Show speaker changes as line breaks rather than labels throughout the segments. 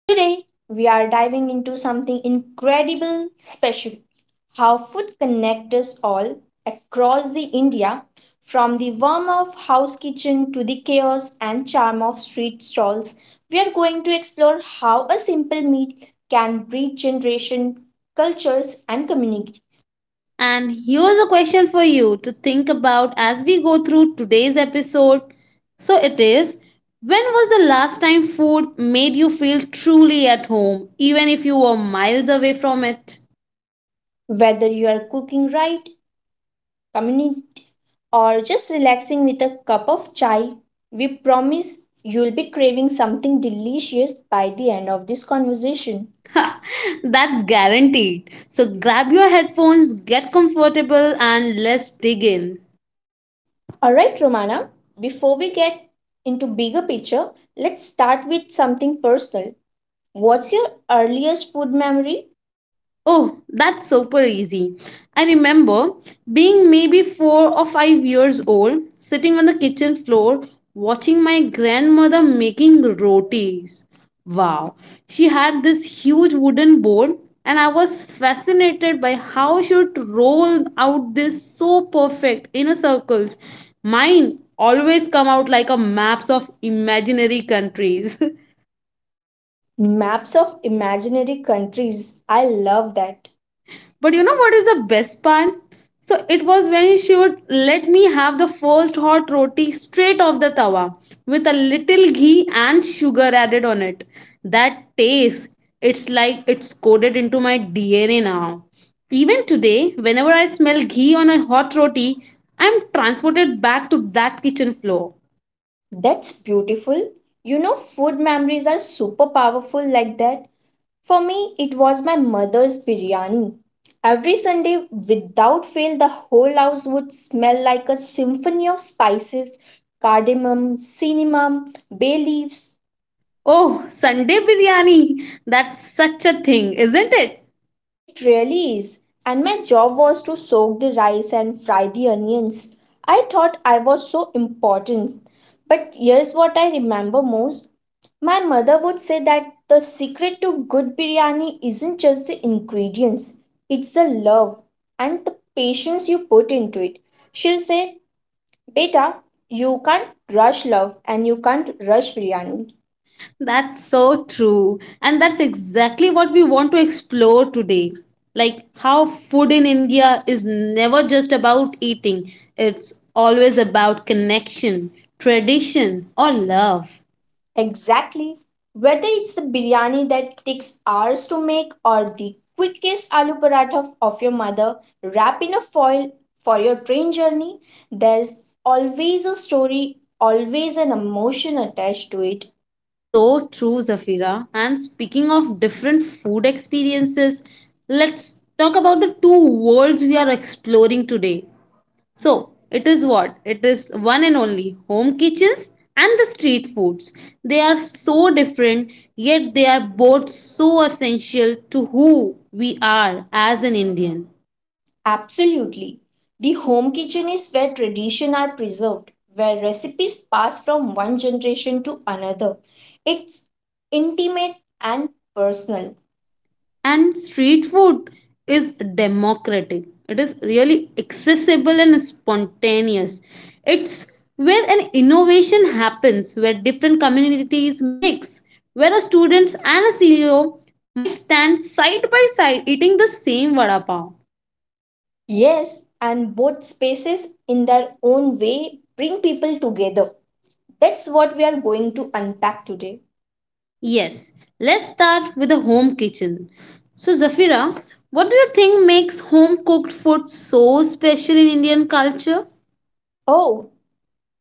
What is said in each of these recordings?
Today, we are diving into something incredible special, how food connects us all across the India, from the warmth of house kitchen to the chaos and charm of street stalls. We are going to explore how a simple meal can bridge generation, cultures, and community.
And here's a question for you to think about as we go through today's episode. So it is When was the last time food made you feel truly at home, even if you were miles away from it?
Whether you are cooking right, community, or just relaxing with a cup of chai, we promise you'll be craving something delicious by the end of this conversation.
That's guaranteed. So grab your headphones, get comfortable, and let's dig in.
All right, Romana, before we get into bigger picture, let's start with something personal. What's your earliest food memory?
Oh, that's super easy. I remember being maybe 4 or 5 years old, sitting on the kitchen floor, watching my grandmother making rotis. Wow, she had this huge wooden board, and I was fascinated by how she would roll out this so perfect inner circles. Mine always come out like a maps of imaginary countries.
Maps of imaginary countries. I love that.
But you know what is the best part? So it was when she would let me have the first hot roti straight off the tawa with a little ghee and sugar added on it. That taste, it's like it's coded into my DNA now. Even today, whenever I smell ghee on a hot roti, I'm transported back to that kitchen floor.
That's beautiful. You know, food memories are super powerful like that. For me, it was my mother's biryani. Every Sunday, without fail, the whole house would smell like a symphony of spices: cardamom, cinnamon, bay leaves.
Oh, Sunday biryani! That's such a thing, isn't it?
It really is. And my job was to soak the rice and fry the onions. I thought I was so important. But here's what I remember most. My mother would say that the secret to good biryani isn't just the ingredients, it's the love and the patience you put into it. She'll say, Beta, you can't rush love and you can't rush biryani.
That's so true. And that's exactly what we want to explore today. Like how food in India is never just about eating, it's always about connection, tradition, or love.
Exactly. Whether it's the biryani that takes hours to make or the quickest aloo paratha of your mother wrapped in a foil for your train journey, there's always a story, always an emotion attached to it.
So true, Zafira. And speaking of different food experiences, let's talk about the two worlds we are exploring today. So, it is what? It is one and only home kitchens and the street foods. They are so different, yet they are both so essential to who we are as an Indian.
Absolutely. The home kitchen is where traditions are preserved, where recipes pass from one generation to another. It's intimate and personal.
And street food is democratic, it is really accessible and spontaneous. It's where an innovation happens, where different communities mix, where a student and a CEO might stand side by side eating the same vada pav.
Yes, and both spaces, in their own way, bring people together. That's what we are going to unpack today.
Yes, let's start with the home kitchen. So, Zafira, what do you think makes home cooked food so special in Indian culture?
Oh,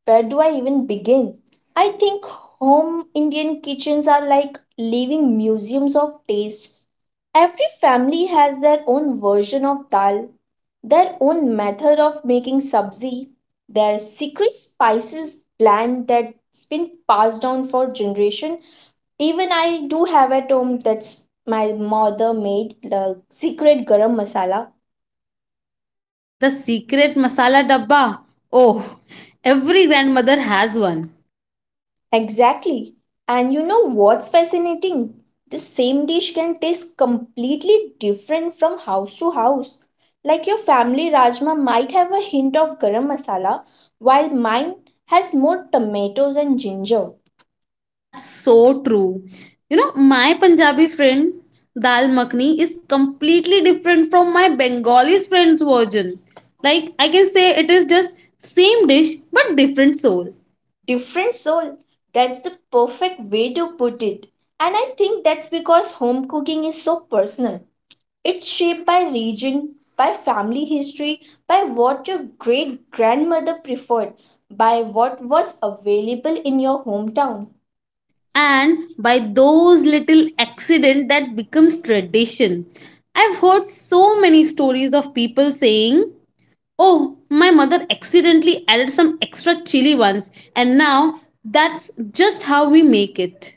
where do I even begin? I think home Indian kitchens are like living museums of taste. Every family has their own version of dal, their own method of making sabzi, their secret spices blend that's been passed down for generation. Even I do have at home that's my mother made the secret garam masala.
The secret masala dabba. Oh, every grandmother has one.
Exactly. And you know what's fascinating? The same dish can taste completely different from house to house. Like your family rajma might have a hint of garam masala, while mine has more tomatoes and ginger.
That's so true. You know, my Punjabi friend's dal makhni is completely different from my Bengali friend's version. Like, I can say it is just same dish but different soul.
Different soul. That's the perfect way to put it. And I think that's because home cooking is so personal. It's shaped by region, by family history, by what your great grandmother preferred, by what was available in your hometown.
And by those little accident that becomes tradition. I've heard so many stories of people saying, oh, my mother accidentally added some extra chili once, and now that's just how we make it.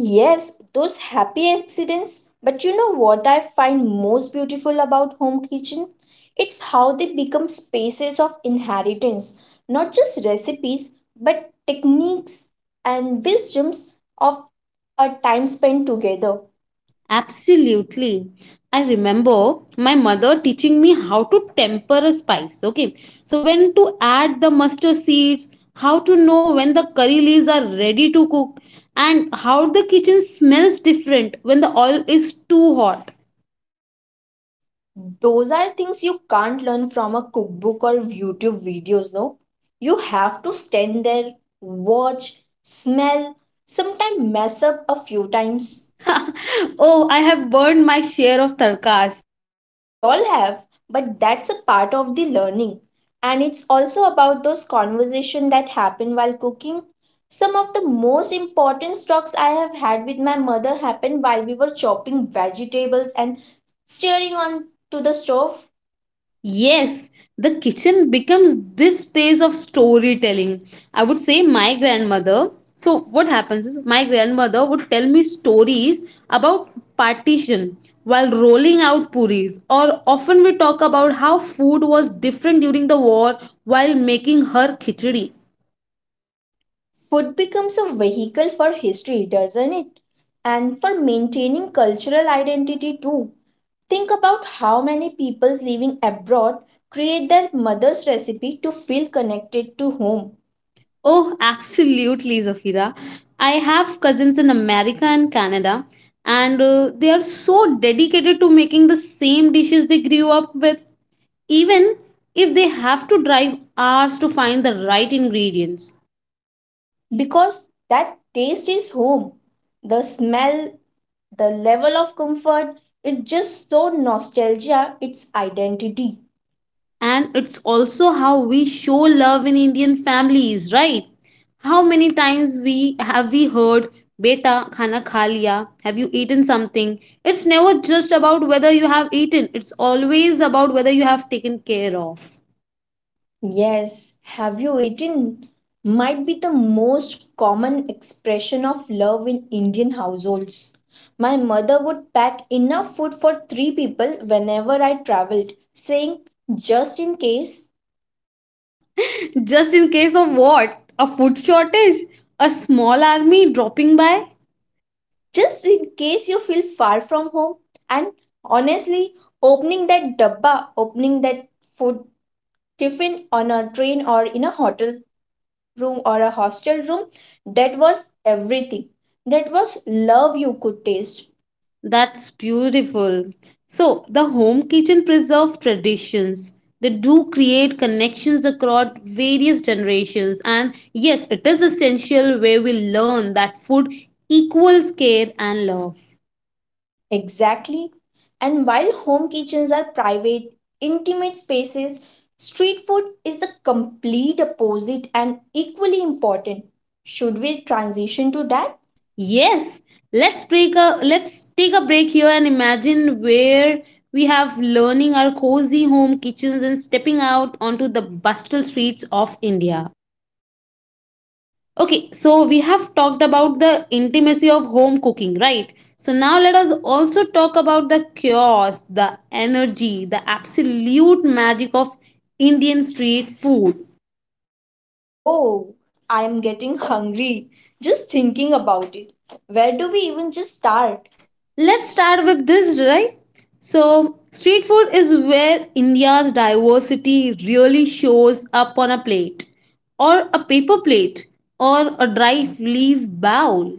Yes, those happy accidents. But you know what I find most beautiful about home kitchen? It's how they become spaces of inheritance, not just recipes, but techniques and wisdoms of a time spent together.
Absolutely. I remember my mother teaching me how to temper a spice. Okay. So, when to add the mustard seeds, how to know when the curry leaves are ready to cook, and how the kitchen smells different when the oil is too hot.
Those are things you can't learn from a cookbook or YouTube videos, no? You have to stand there, watch, smell, sometimes mess up a few times.
Oh, I have burned my share of tarkas.
We all have, but that's a part of the learning. And it's also about those conversations that happen while cooking. Some of the most important talks I have had with my mother happened while we were chopping vegetables and staring on to the stove.
Yes, the kitchen becomes this space of storytelling. I would say my grandmother. So, what happens is my grandmother would tell me stories about partition while rolling out puris, or often we talk about how food was different during the war while making her khichdi.
Food becomes a vehicle for history, doesn't it? And for maintaining cultural identity too. Think about how many people living abroad create their mother's recipe to feel connected to home
Oh, absolutely, Zafira. I have cousins in America and Canada, and they are so dedicated to making the same dishes they grew up with, even if they have to drive hours to find the right ingredients.
because that taste is home. The smell, the level of comfort is just so nostalgia, its identity.
And it's also how we show love in Indian families, right? How many times we heard, beta khana kha liya, have you eaten something? It's never just about whether you have eaten, it's always about whether you have taken care of.
Yes, have you eaten? Might be the most common expression of love in Indian households. My mother would pack enough food for three people whenever I traveled, saying, just in case,
Just in case of what? A food shortage? A small army dropping by?
just in case you feel far from home. And honestly, opening that dabba, opening that food tiffin on a train or in a hotel room or a hostel room, that was everything. That was love you could taste.
That's beautiful. So, the home kitchen preserve traditions. They do create connections across various generations. And yes, it is essential where we learn that food equals care and love.
Exactly. And while home kitchens are private, intimate spaces, street food is the complete opposite and equally important. Should we transition to that?
Yes, let's take a break here and imagine where we have learning our cozy home kitchens and stepping out onto the bustle streets of India. Okay, so we have talked about the intimacy of home cooking, right? So now let us also talk about the chaos, the energy, the absolute magic of Indian street food.
Oh, I am getting hungry just thinking about it. Where do we even just start?
Let's
Let's.
start with this, right? So, street food is where India's diversity really shows up on a plate, or a paper plate, or a dry leaf bowl.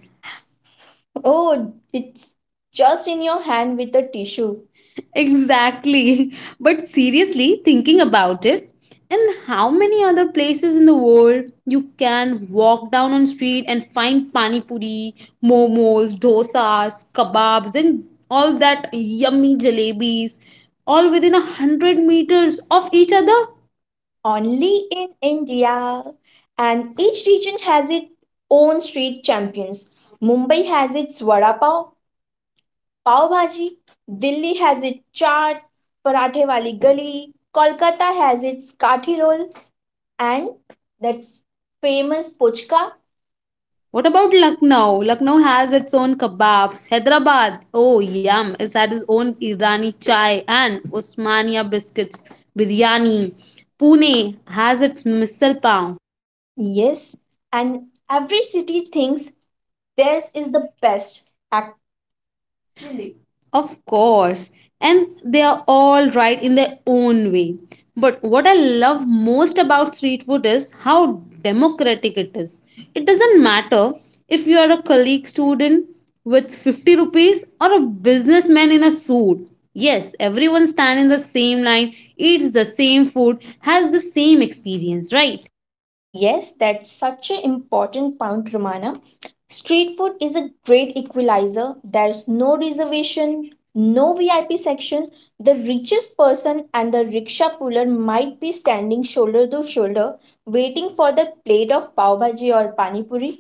Oh, it's just in your hand with a tissue.
Exactly. But seriously, thinking about it, and how many other places in the world you can walk down on street and find pani puri, momos, dosas, kebabs, and all that yummy jalebis, all within 100 meters of each other?
Only in India. And each region has its own street champions. Mumbai has its vada pav, pav bhaji. Delhi has its chaat, parathe wali gali. Kolkata has its kathi rolls and that's famous pochka.
What about Lucknow? Lucknow has its own kebabs. Hyderabad, oh yum, it's had its own Irani chai and Osmania biscuits, biryani. Pune has its misal pav.
Yes, and every city thinks theirs is the best.
Of course. And they are all right in their own way. But what I love most about street food is how democratic it is. It doesn't matter if you are a colleague student with 50 rupees or a businessman in a suit. Yes, everyone stands in the same line, eats the same food, has the same experience, right?
Yes, that's such an important point, Romana. Street food is a great equalizer. There's no reservation, no VIP section. The richest person and the rickshaw puller might be standing shoulder to shoulder, waiting for their plate of pav bhaji or pani puri.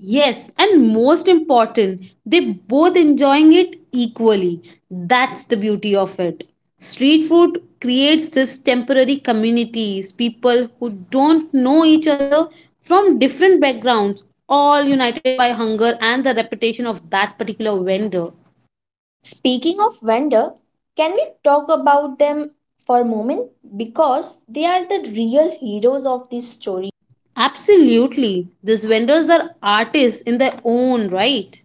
Yes, and most important, they both enjoying it equally. That's the beauty of it. Street food creates this temporary communities, people who don't know each other from different backgrounds, all united by hunger and the reputation of that particular vendor.
Speaking of vendor, can we talk about them for a moment? Because they are the real heroes of this story.
Absolutely, these vendors are artists in their own right.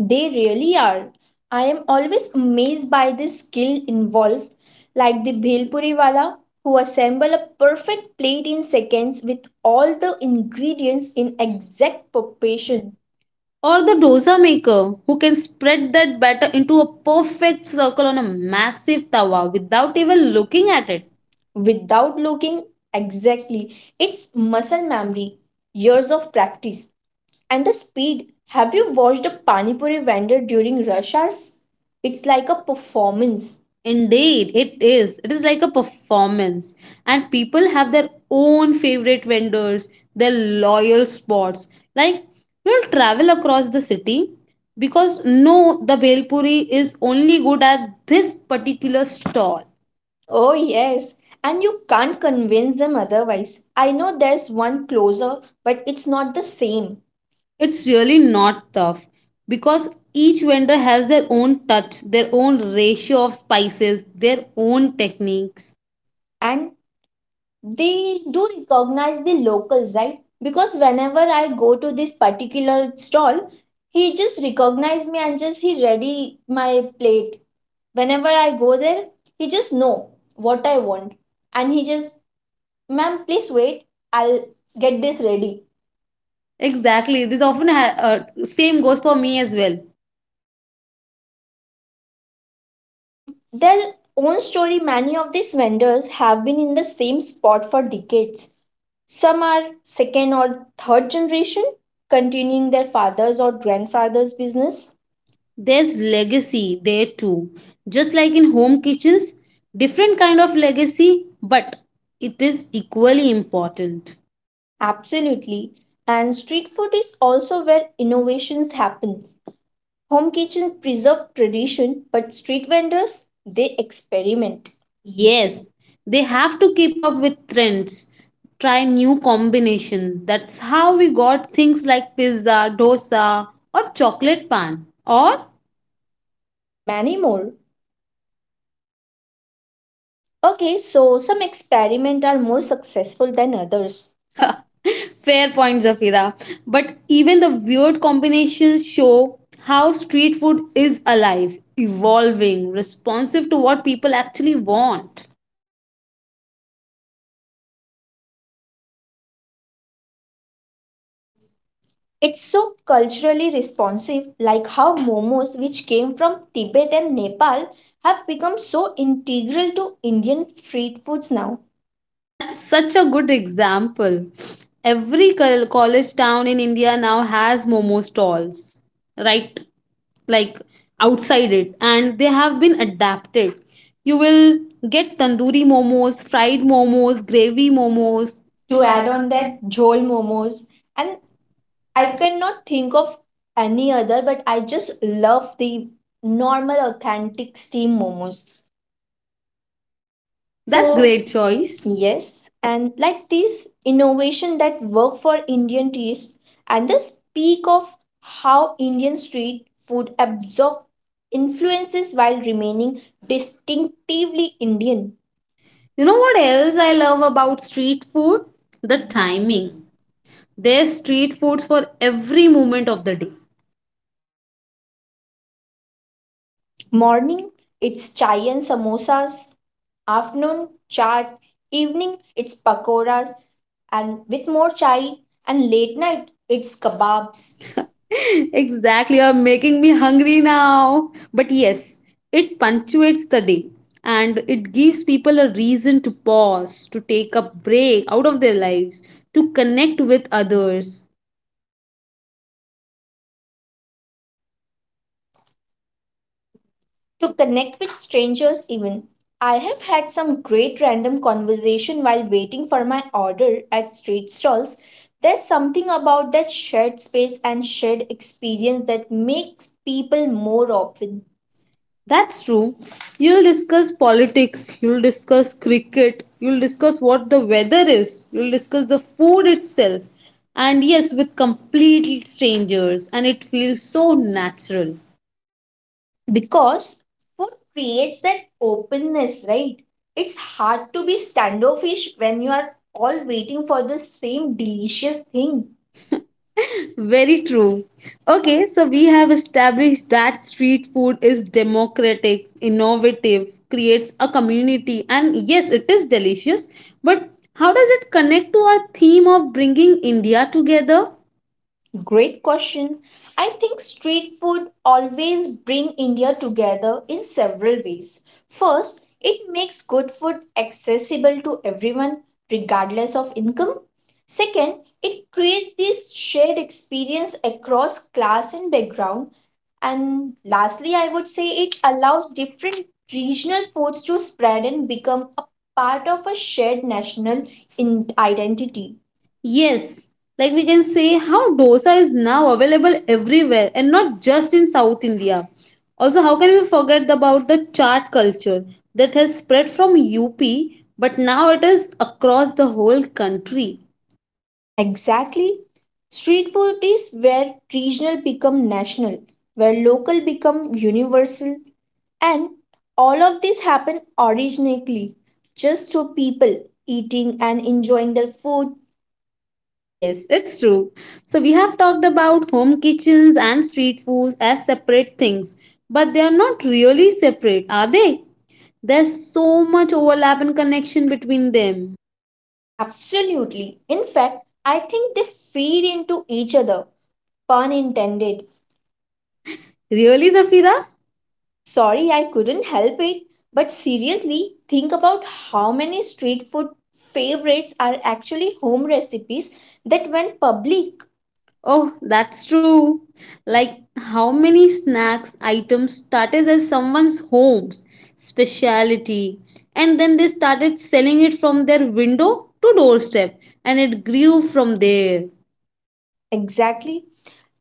They really are. I am always amazed by the skill involved, like the Bhelpuri wala who assemble a perfect plate in seconds with all the ingredients in exact proportion
Or the dosa maker who can spread that batter into a perfect circle on a massive tawa without even looking at it.
without looking exactly. It's muscle memory, years of practice, and the speed. Have you watched a Panipuri vendor during rush hours? It's like a performance.
Indeed, it is. It is like a performance, and people have their own favorite vendors, their loyal spots. Like you'll travel across the city because no, the bhel is only good at this particular stall.
Oh, yes. And you can't convince them otherwise. I know there's one closer, but it's not the same.
It's really not tough because each vendor has their own touch, their own ratio of spices, their own techniques.
And they do recognize the locals, right? Because whenever I go to this particular stall, he just recognized me and just he ready my plate. Whenever I go there, he just know what I want. And he just, ma'am, please wait. I'll get this ready.
Exactly. Same goes for me as well.
And their own story, many of these vendors have been in the same spot for decades, some are second or third generation continuing their father's or grandfather's business.
There's legacy there too. Just like in home kitchens, different kind of legacy, but it is equally important.
Absolutely. And street food is also where innovations happen. Home kitchen preserve tradition, but street vendors, they experiment. Ye-
Yes, they have to keep up with trends, try new combination. That's how we got things like pizza, dosa, or chocolate pan. Or
Many more. Okay, so some experiments are more successful than others.
fair point, Zafira. But even the weird combinations show how street food is alive, evolving, responsive to what people actually want.
It's so culturally responsive, like how momos, which came from Tibet and Nepal, have become so integral to Indian street foods now.
That's such a good example. Every college town in India now has momo stalls, right? Like outside it, and they have been adapted. You will get tandoori momos, fried momos, gravy momos.
To add on that, jhol momos, and I cannot think of any other, but I just love the normal, authentic steam momos.
That's
So that's
great
great choice.
choice.
Yes, and like this innovation that work for Indian taste and the speak of how Indian street food absorb influences while remaining distinctively Indian. You
You
know,
know what else I love about street food? The
the
timing.
timing.
There's street foods for every moment of the day.
Morning, it's chai and samosas. Afternoon, chaat. Evening, it's pakoras and with more chai. And late night, it's kebabs.
Exactly, you're making me hungry now. But yes, it punctuates the day and it gives people a reason to pause, to take a break out of their lives, to connect with others.
To connect with strangers even, I have had some great random conversation while waiting for my order at street stalls. There's something about that shared space and shared experience that makes people more open.
That's true. You'll discuss politics, you'll discuss cricket, you'll discuss what the weather is, you'll discuss the food itself. And yes, with complete strangers, and it feels so natural.
Because food creates that openness, right? It's hard to be standoffish when you are all waiting for the same delicious thing.
Very true. Okay, so we have established that street food is democratic, innovative, creates a community, and yes, it is delicious. But how does it connect to our theme of bringing India together?
Great question. I think street food always bring India together in several ways. First, it makes good food accessible to everyone regardless of income. Second, it creates this shared experience across class and background. And lastly, I would say it allows different regional foods to spread and become a part of a shared national in- identity.
Yes, like we can say how dosa is now available everywhere and not just in South India. Also, how can we forget about the chaat culture that has spread from UP but now it is across the whole country?
Exactly. Street food is where regional become national, where local become universal, and all of this happen originally just through people eating and enjoying their food.
Yes, it's true. So we have talked about home kitchens and street foods as separate things, but they are not really separate, are they? There's so much overlap and connection between them.
Absolutely. In fact, I think they feed into each other, pun intended.
Really, Zafira?
Sorry, I couldn't help it, but seriously, think about how many street food favorites are actually home recipes that went public.
Oh, that's true. Like how many snacks items started as someone's home's specialty and then they started selling it from their window to doorstep and it grew from there.
Exactly.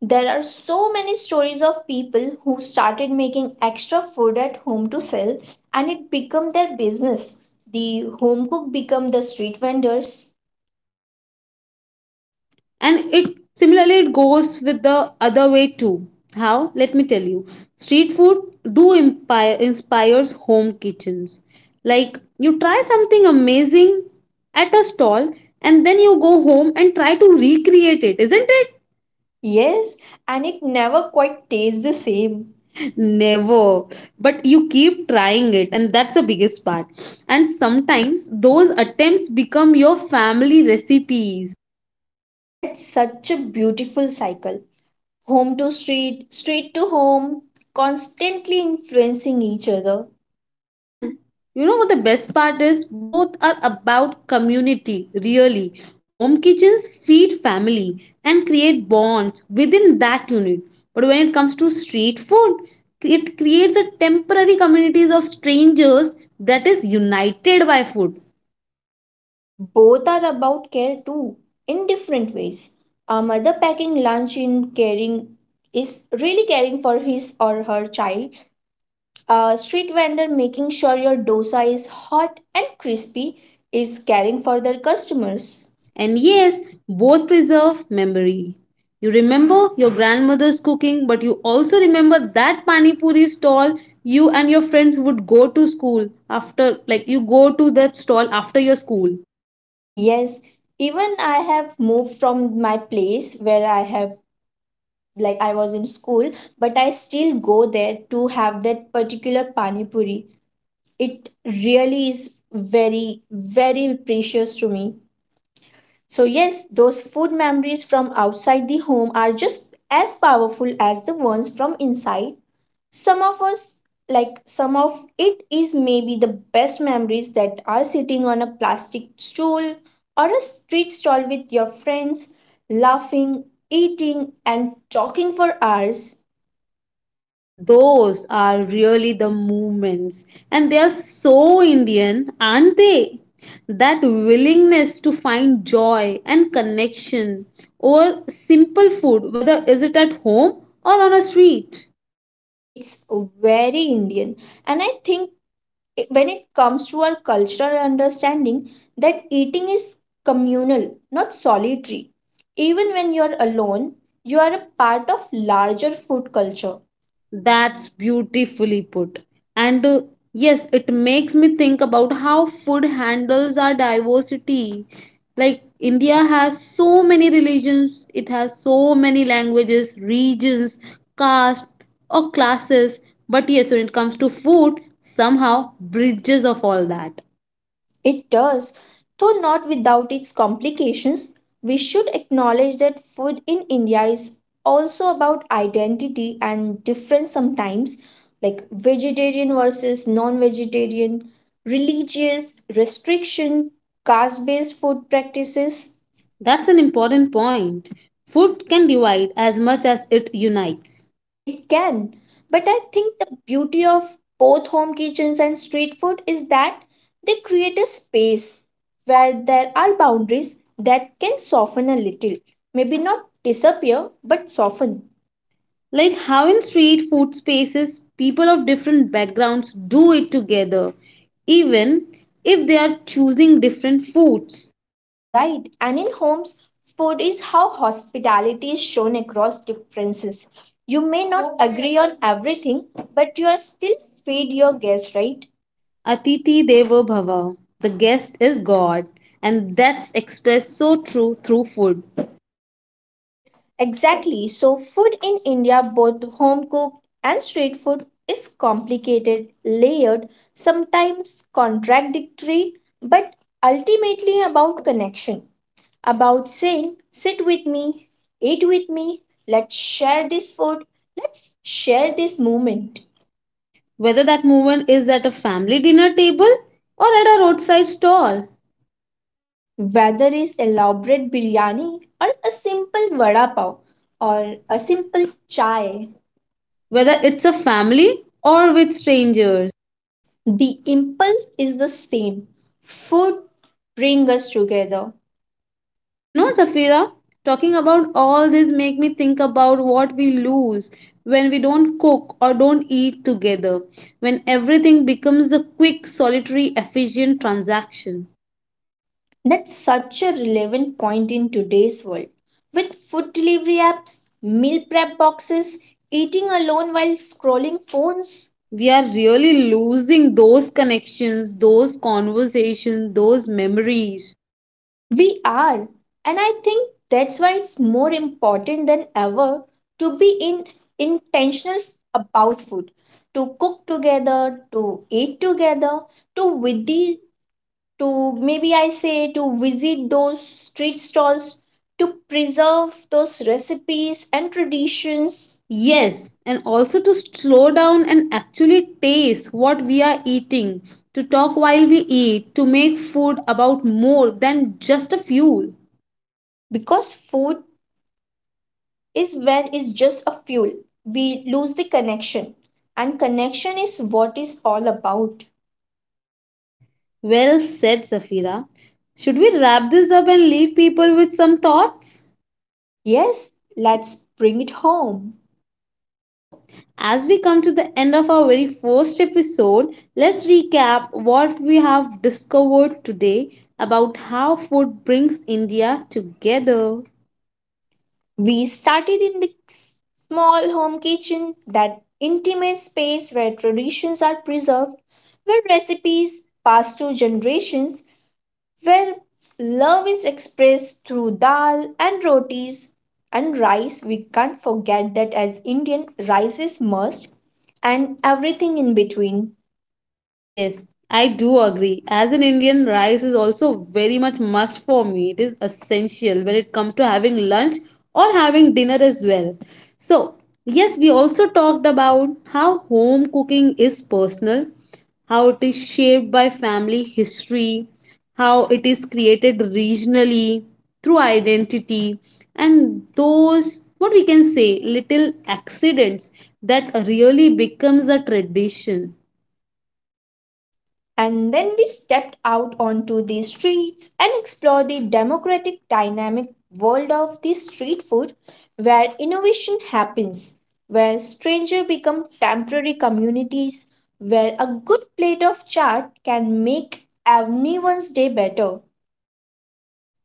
There are so many stories of people who started making extra food at home to sell and it became their business. The home cook become the street vendors.
And it, similarly, it goes with the other way too. How, let me tell you, street food do impire inspires home kitchens. Like you try something amazing at a stall and then you go home and try to recreate it, isn't it?
Yes, and it never quite tastes the same.
Never, but you keep trying it, and that's the biggest part, and sometimes those attempts become your family recipes.
That's such a beautiful cycle. Home to street, street to home, constantly influencing each other.
And you know what the best part is? Both are about community, really. Home kitchens feed family and create bonds within that unit. But when it comes to street food, it creates a temporary communities of strangers that is united by food.
Both are about care too, in different ways. A mother packing lunch in caring is really caring for his or her child. A street vendor making sure your dosa is hot and crispy is caring for their customers.
And yes, both preserve memory. You remember your grandmother's cooking, but you also remember that pani puri stall you and your friends would go to school after, like you go to that stall after your school.
Yes, even I have moved from my place where I have, like, I was in school, but I still go there to have that particular pani puri. It really is very very precious to me. So, yes, those food memories from outside the home are just as powerful as the ones from inside. Some of us, like some of it, is maybe the best memories that are sitting on a plastic stool or a street stall with your friends, laughing, eating, and talking for hours.
Those are really the moments, and they are so Indian, aren't they? That willingness to find joy and connection over simple food, whether is it at home or on a street.
It's very Indian, and I think it- when it comes to our cultural understanding that eating is communal, not solitary, even when you're alone, you are a part of larger food culture.
That's beautifully put. And yes, it makes me think about how food handles our diversity. Like, India has so many religions, it has so many languages, regions, caste, or classes. But yes, when it comes to food, somehow bridges of all that.
It does, though not without its complications. We should acknowledge that food in india is also about identity and difference sometimes, like vegetarian versus non-vegetarian, religious restriction, caste based food practices.
That's an important point. Food can divide as much as it unites.
It can. But I think the beauty of both home kitchens and street food is that they create a space where there are boundaries that can soften a little. Maybe not disappear, but soften.
Like how in street food spaces, people of different backgrounds do it together, even if they are choosing different foods.
Right? And in homes, food is how hospitality is shown across differences. You may not agree on everything, but you are still feed your guests, right?
Atiti Devo Bhava, the guest is God, and that's expressed so true through food.
Exactly. So, food in India, both home cooked and street food, is complicated, layered, sometimes contradictory, but ultimately about connection, about saying, sit with me, eat with me, let's share this food, let's share this moment.
Whether that movement is at a family dinner table or at a roadside stall,
Whether it's elaborate biryani or a simple vada pav or a simple chai.
whether
Whether
it's a family or with strangers.
the impulse is the same. Food brings us together.
You know, Zafira, talking about all this make me think about what we lose when we don't cook or don't eat together, when everything becomes a quick, solitary, efficient transaction.
That's such a relevant point in today's world. With food delivery apps, meal prep boxes, eating alone while scrolling phones,
We are really losing those connections, those conversations, those memories.
we are. And I think that's why it's more important than ever to be in intentional about food, to cook together, to eat together, to with the to maybe I say to visit those street stalls to preserve those recipes and traditions. Yes.
Yes, and also to slow down and actually taste what we are eating, to talk while we eat, to make food about more than just a fuel.
Because food is when it's just a fuel. We lose the connection. And connection is what is all about.
Well said, Safira. Should we wrap this up and leave people with some thoughts?
Yes, let's bring it home.
So, as we come to the end of our very first episode, let's recap what we have discovered today about how food brings India together.
We started in the small home kitchen, that intimate space where traditions are preserved, where recipes pass through generations, where love is expressed through dal and rotis and rice. We can't forget that as Indian, rice is must and everything in between.
Yes, I do agree. As an Indian, rice is also very much must for me. It is essential when it comes to having lunch or having dinner as well. So, yes, we also talked about how home cooking is personal, how it is shaped by family history, how it is created regionally through identity, and those what we can say little accidents that really becomes a tradition.
And then we stepped out onto the streets and explored the democratic, dynamic world of the street food where innovation happens, where strangers become temporary communities, where a good plate of chaat can make everyone's day better.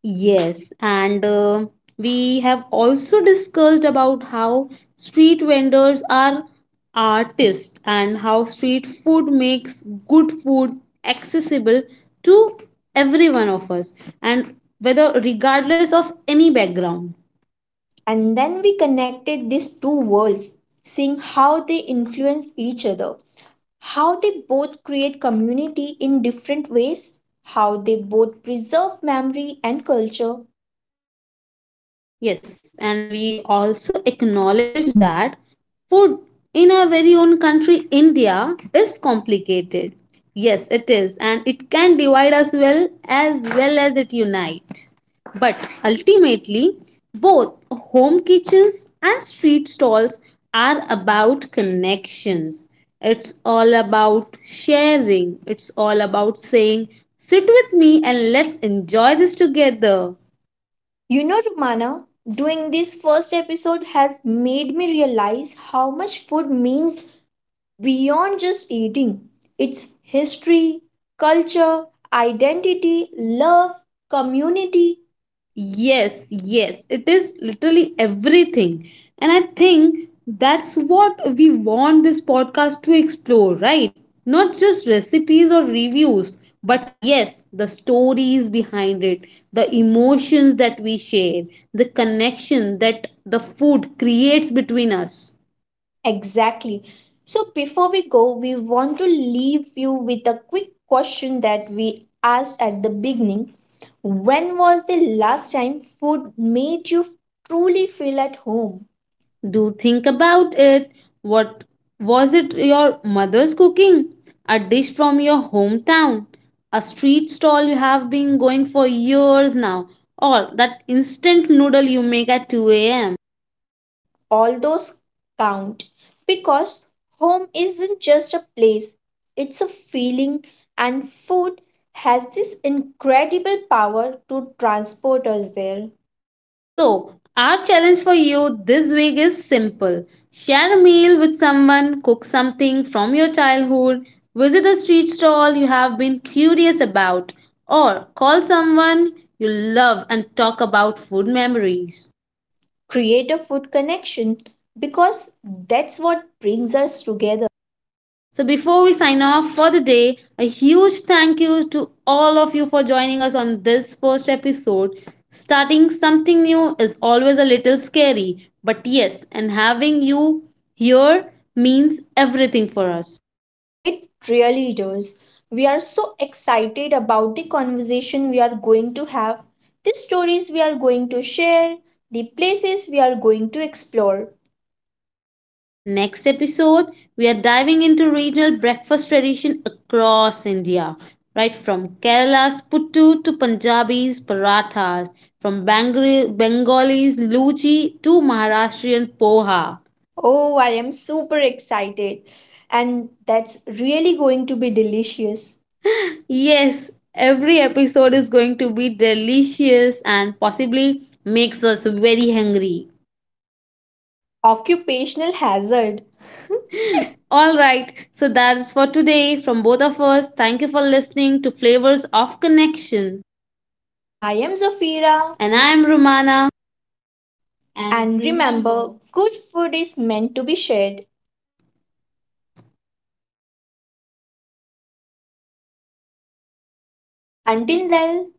Yes, and we have also discussed about how street vendors are artists and how street food makes good food accessible to every one of us and whether regardless of any background.
And then we connected these two worlds, seeing how they influence each other, how they both create community in different ways, how they both preserve memory and culture.
Yes, and we also acknowledge that food in our very own country, India, is complicated. Yes, it is, and it can divide us well as it unite. But ultimately, both home kitchens and street stalls are about connections. It's all about sharing. It's all about saying, sit with me and let's enjoy this together.
You know, Romana, doing this first episode has made me realize how much food means beyond just eating. It's history, culture, identity, love, community.
Yes, yes, it is literally everything. And I think that's what we want this podcast to explore, right? Not just recipes or reviews, but yes, the stories behind it, the emotions that we share, the connection that the food creates between us.
Exactly. So before we go, we want to leave you with a quick question that we asked at the beginning. When was the last time food made you truly feel at home?
Do think about it. What was it? Your mother's cooking? A dish from your hometown? A street stall you have been going for years now? Or that instant noodle you make at 2 a.m.?
All those count because home isn't just a place, it's a feeling, and food has this incredible power to transport us there.
So, our challenge for you this week is simple: share a meal with someone, cook something from your childhood, visit a street stall you have been curious about, or call someone you love and talk about food memories.
Create a food connection because that's what brings us together.
So before we sign off for the day, a huge thank you to all of you for joining us on this first episode. Starting something new is always a little scary, but yes, and having you here means everything for us.
It really does. We are so excited about the conversation we are going to have, the stories we are going to share, the places we are going to explore.
Next episode, we are diving into regional breakfast tradition across India, right from Kerala's puttu to Punjabi's parathas, from Bengalis luchi to Maharashtrian poha.
Oh, I am super excited. And that's really going to be delicious.
Yes, every episode is going to be delicious and possibly makes us very hungry.
Occupational hazard.
All right, so that's for today from both of us. Thank you for listening to Flavors of Connection.
I am Zafira.
And
And I
I'm Romana.
and And remember, good food is meant to be shared. Until then,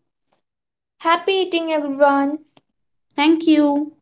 happy eating, everyone.
Thank you.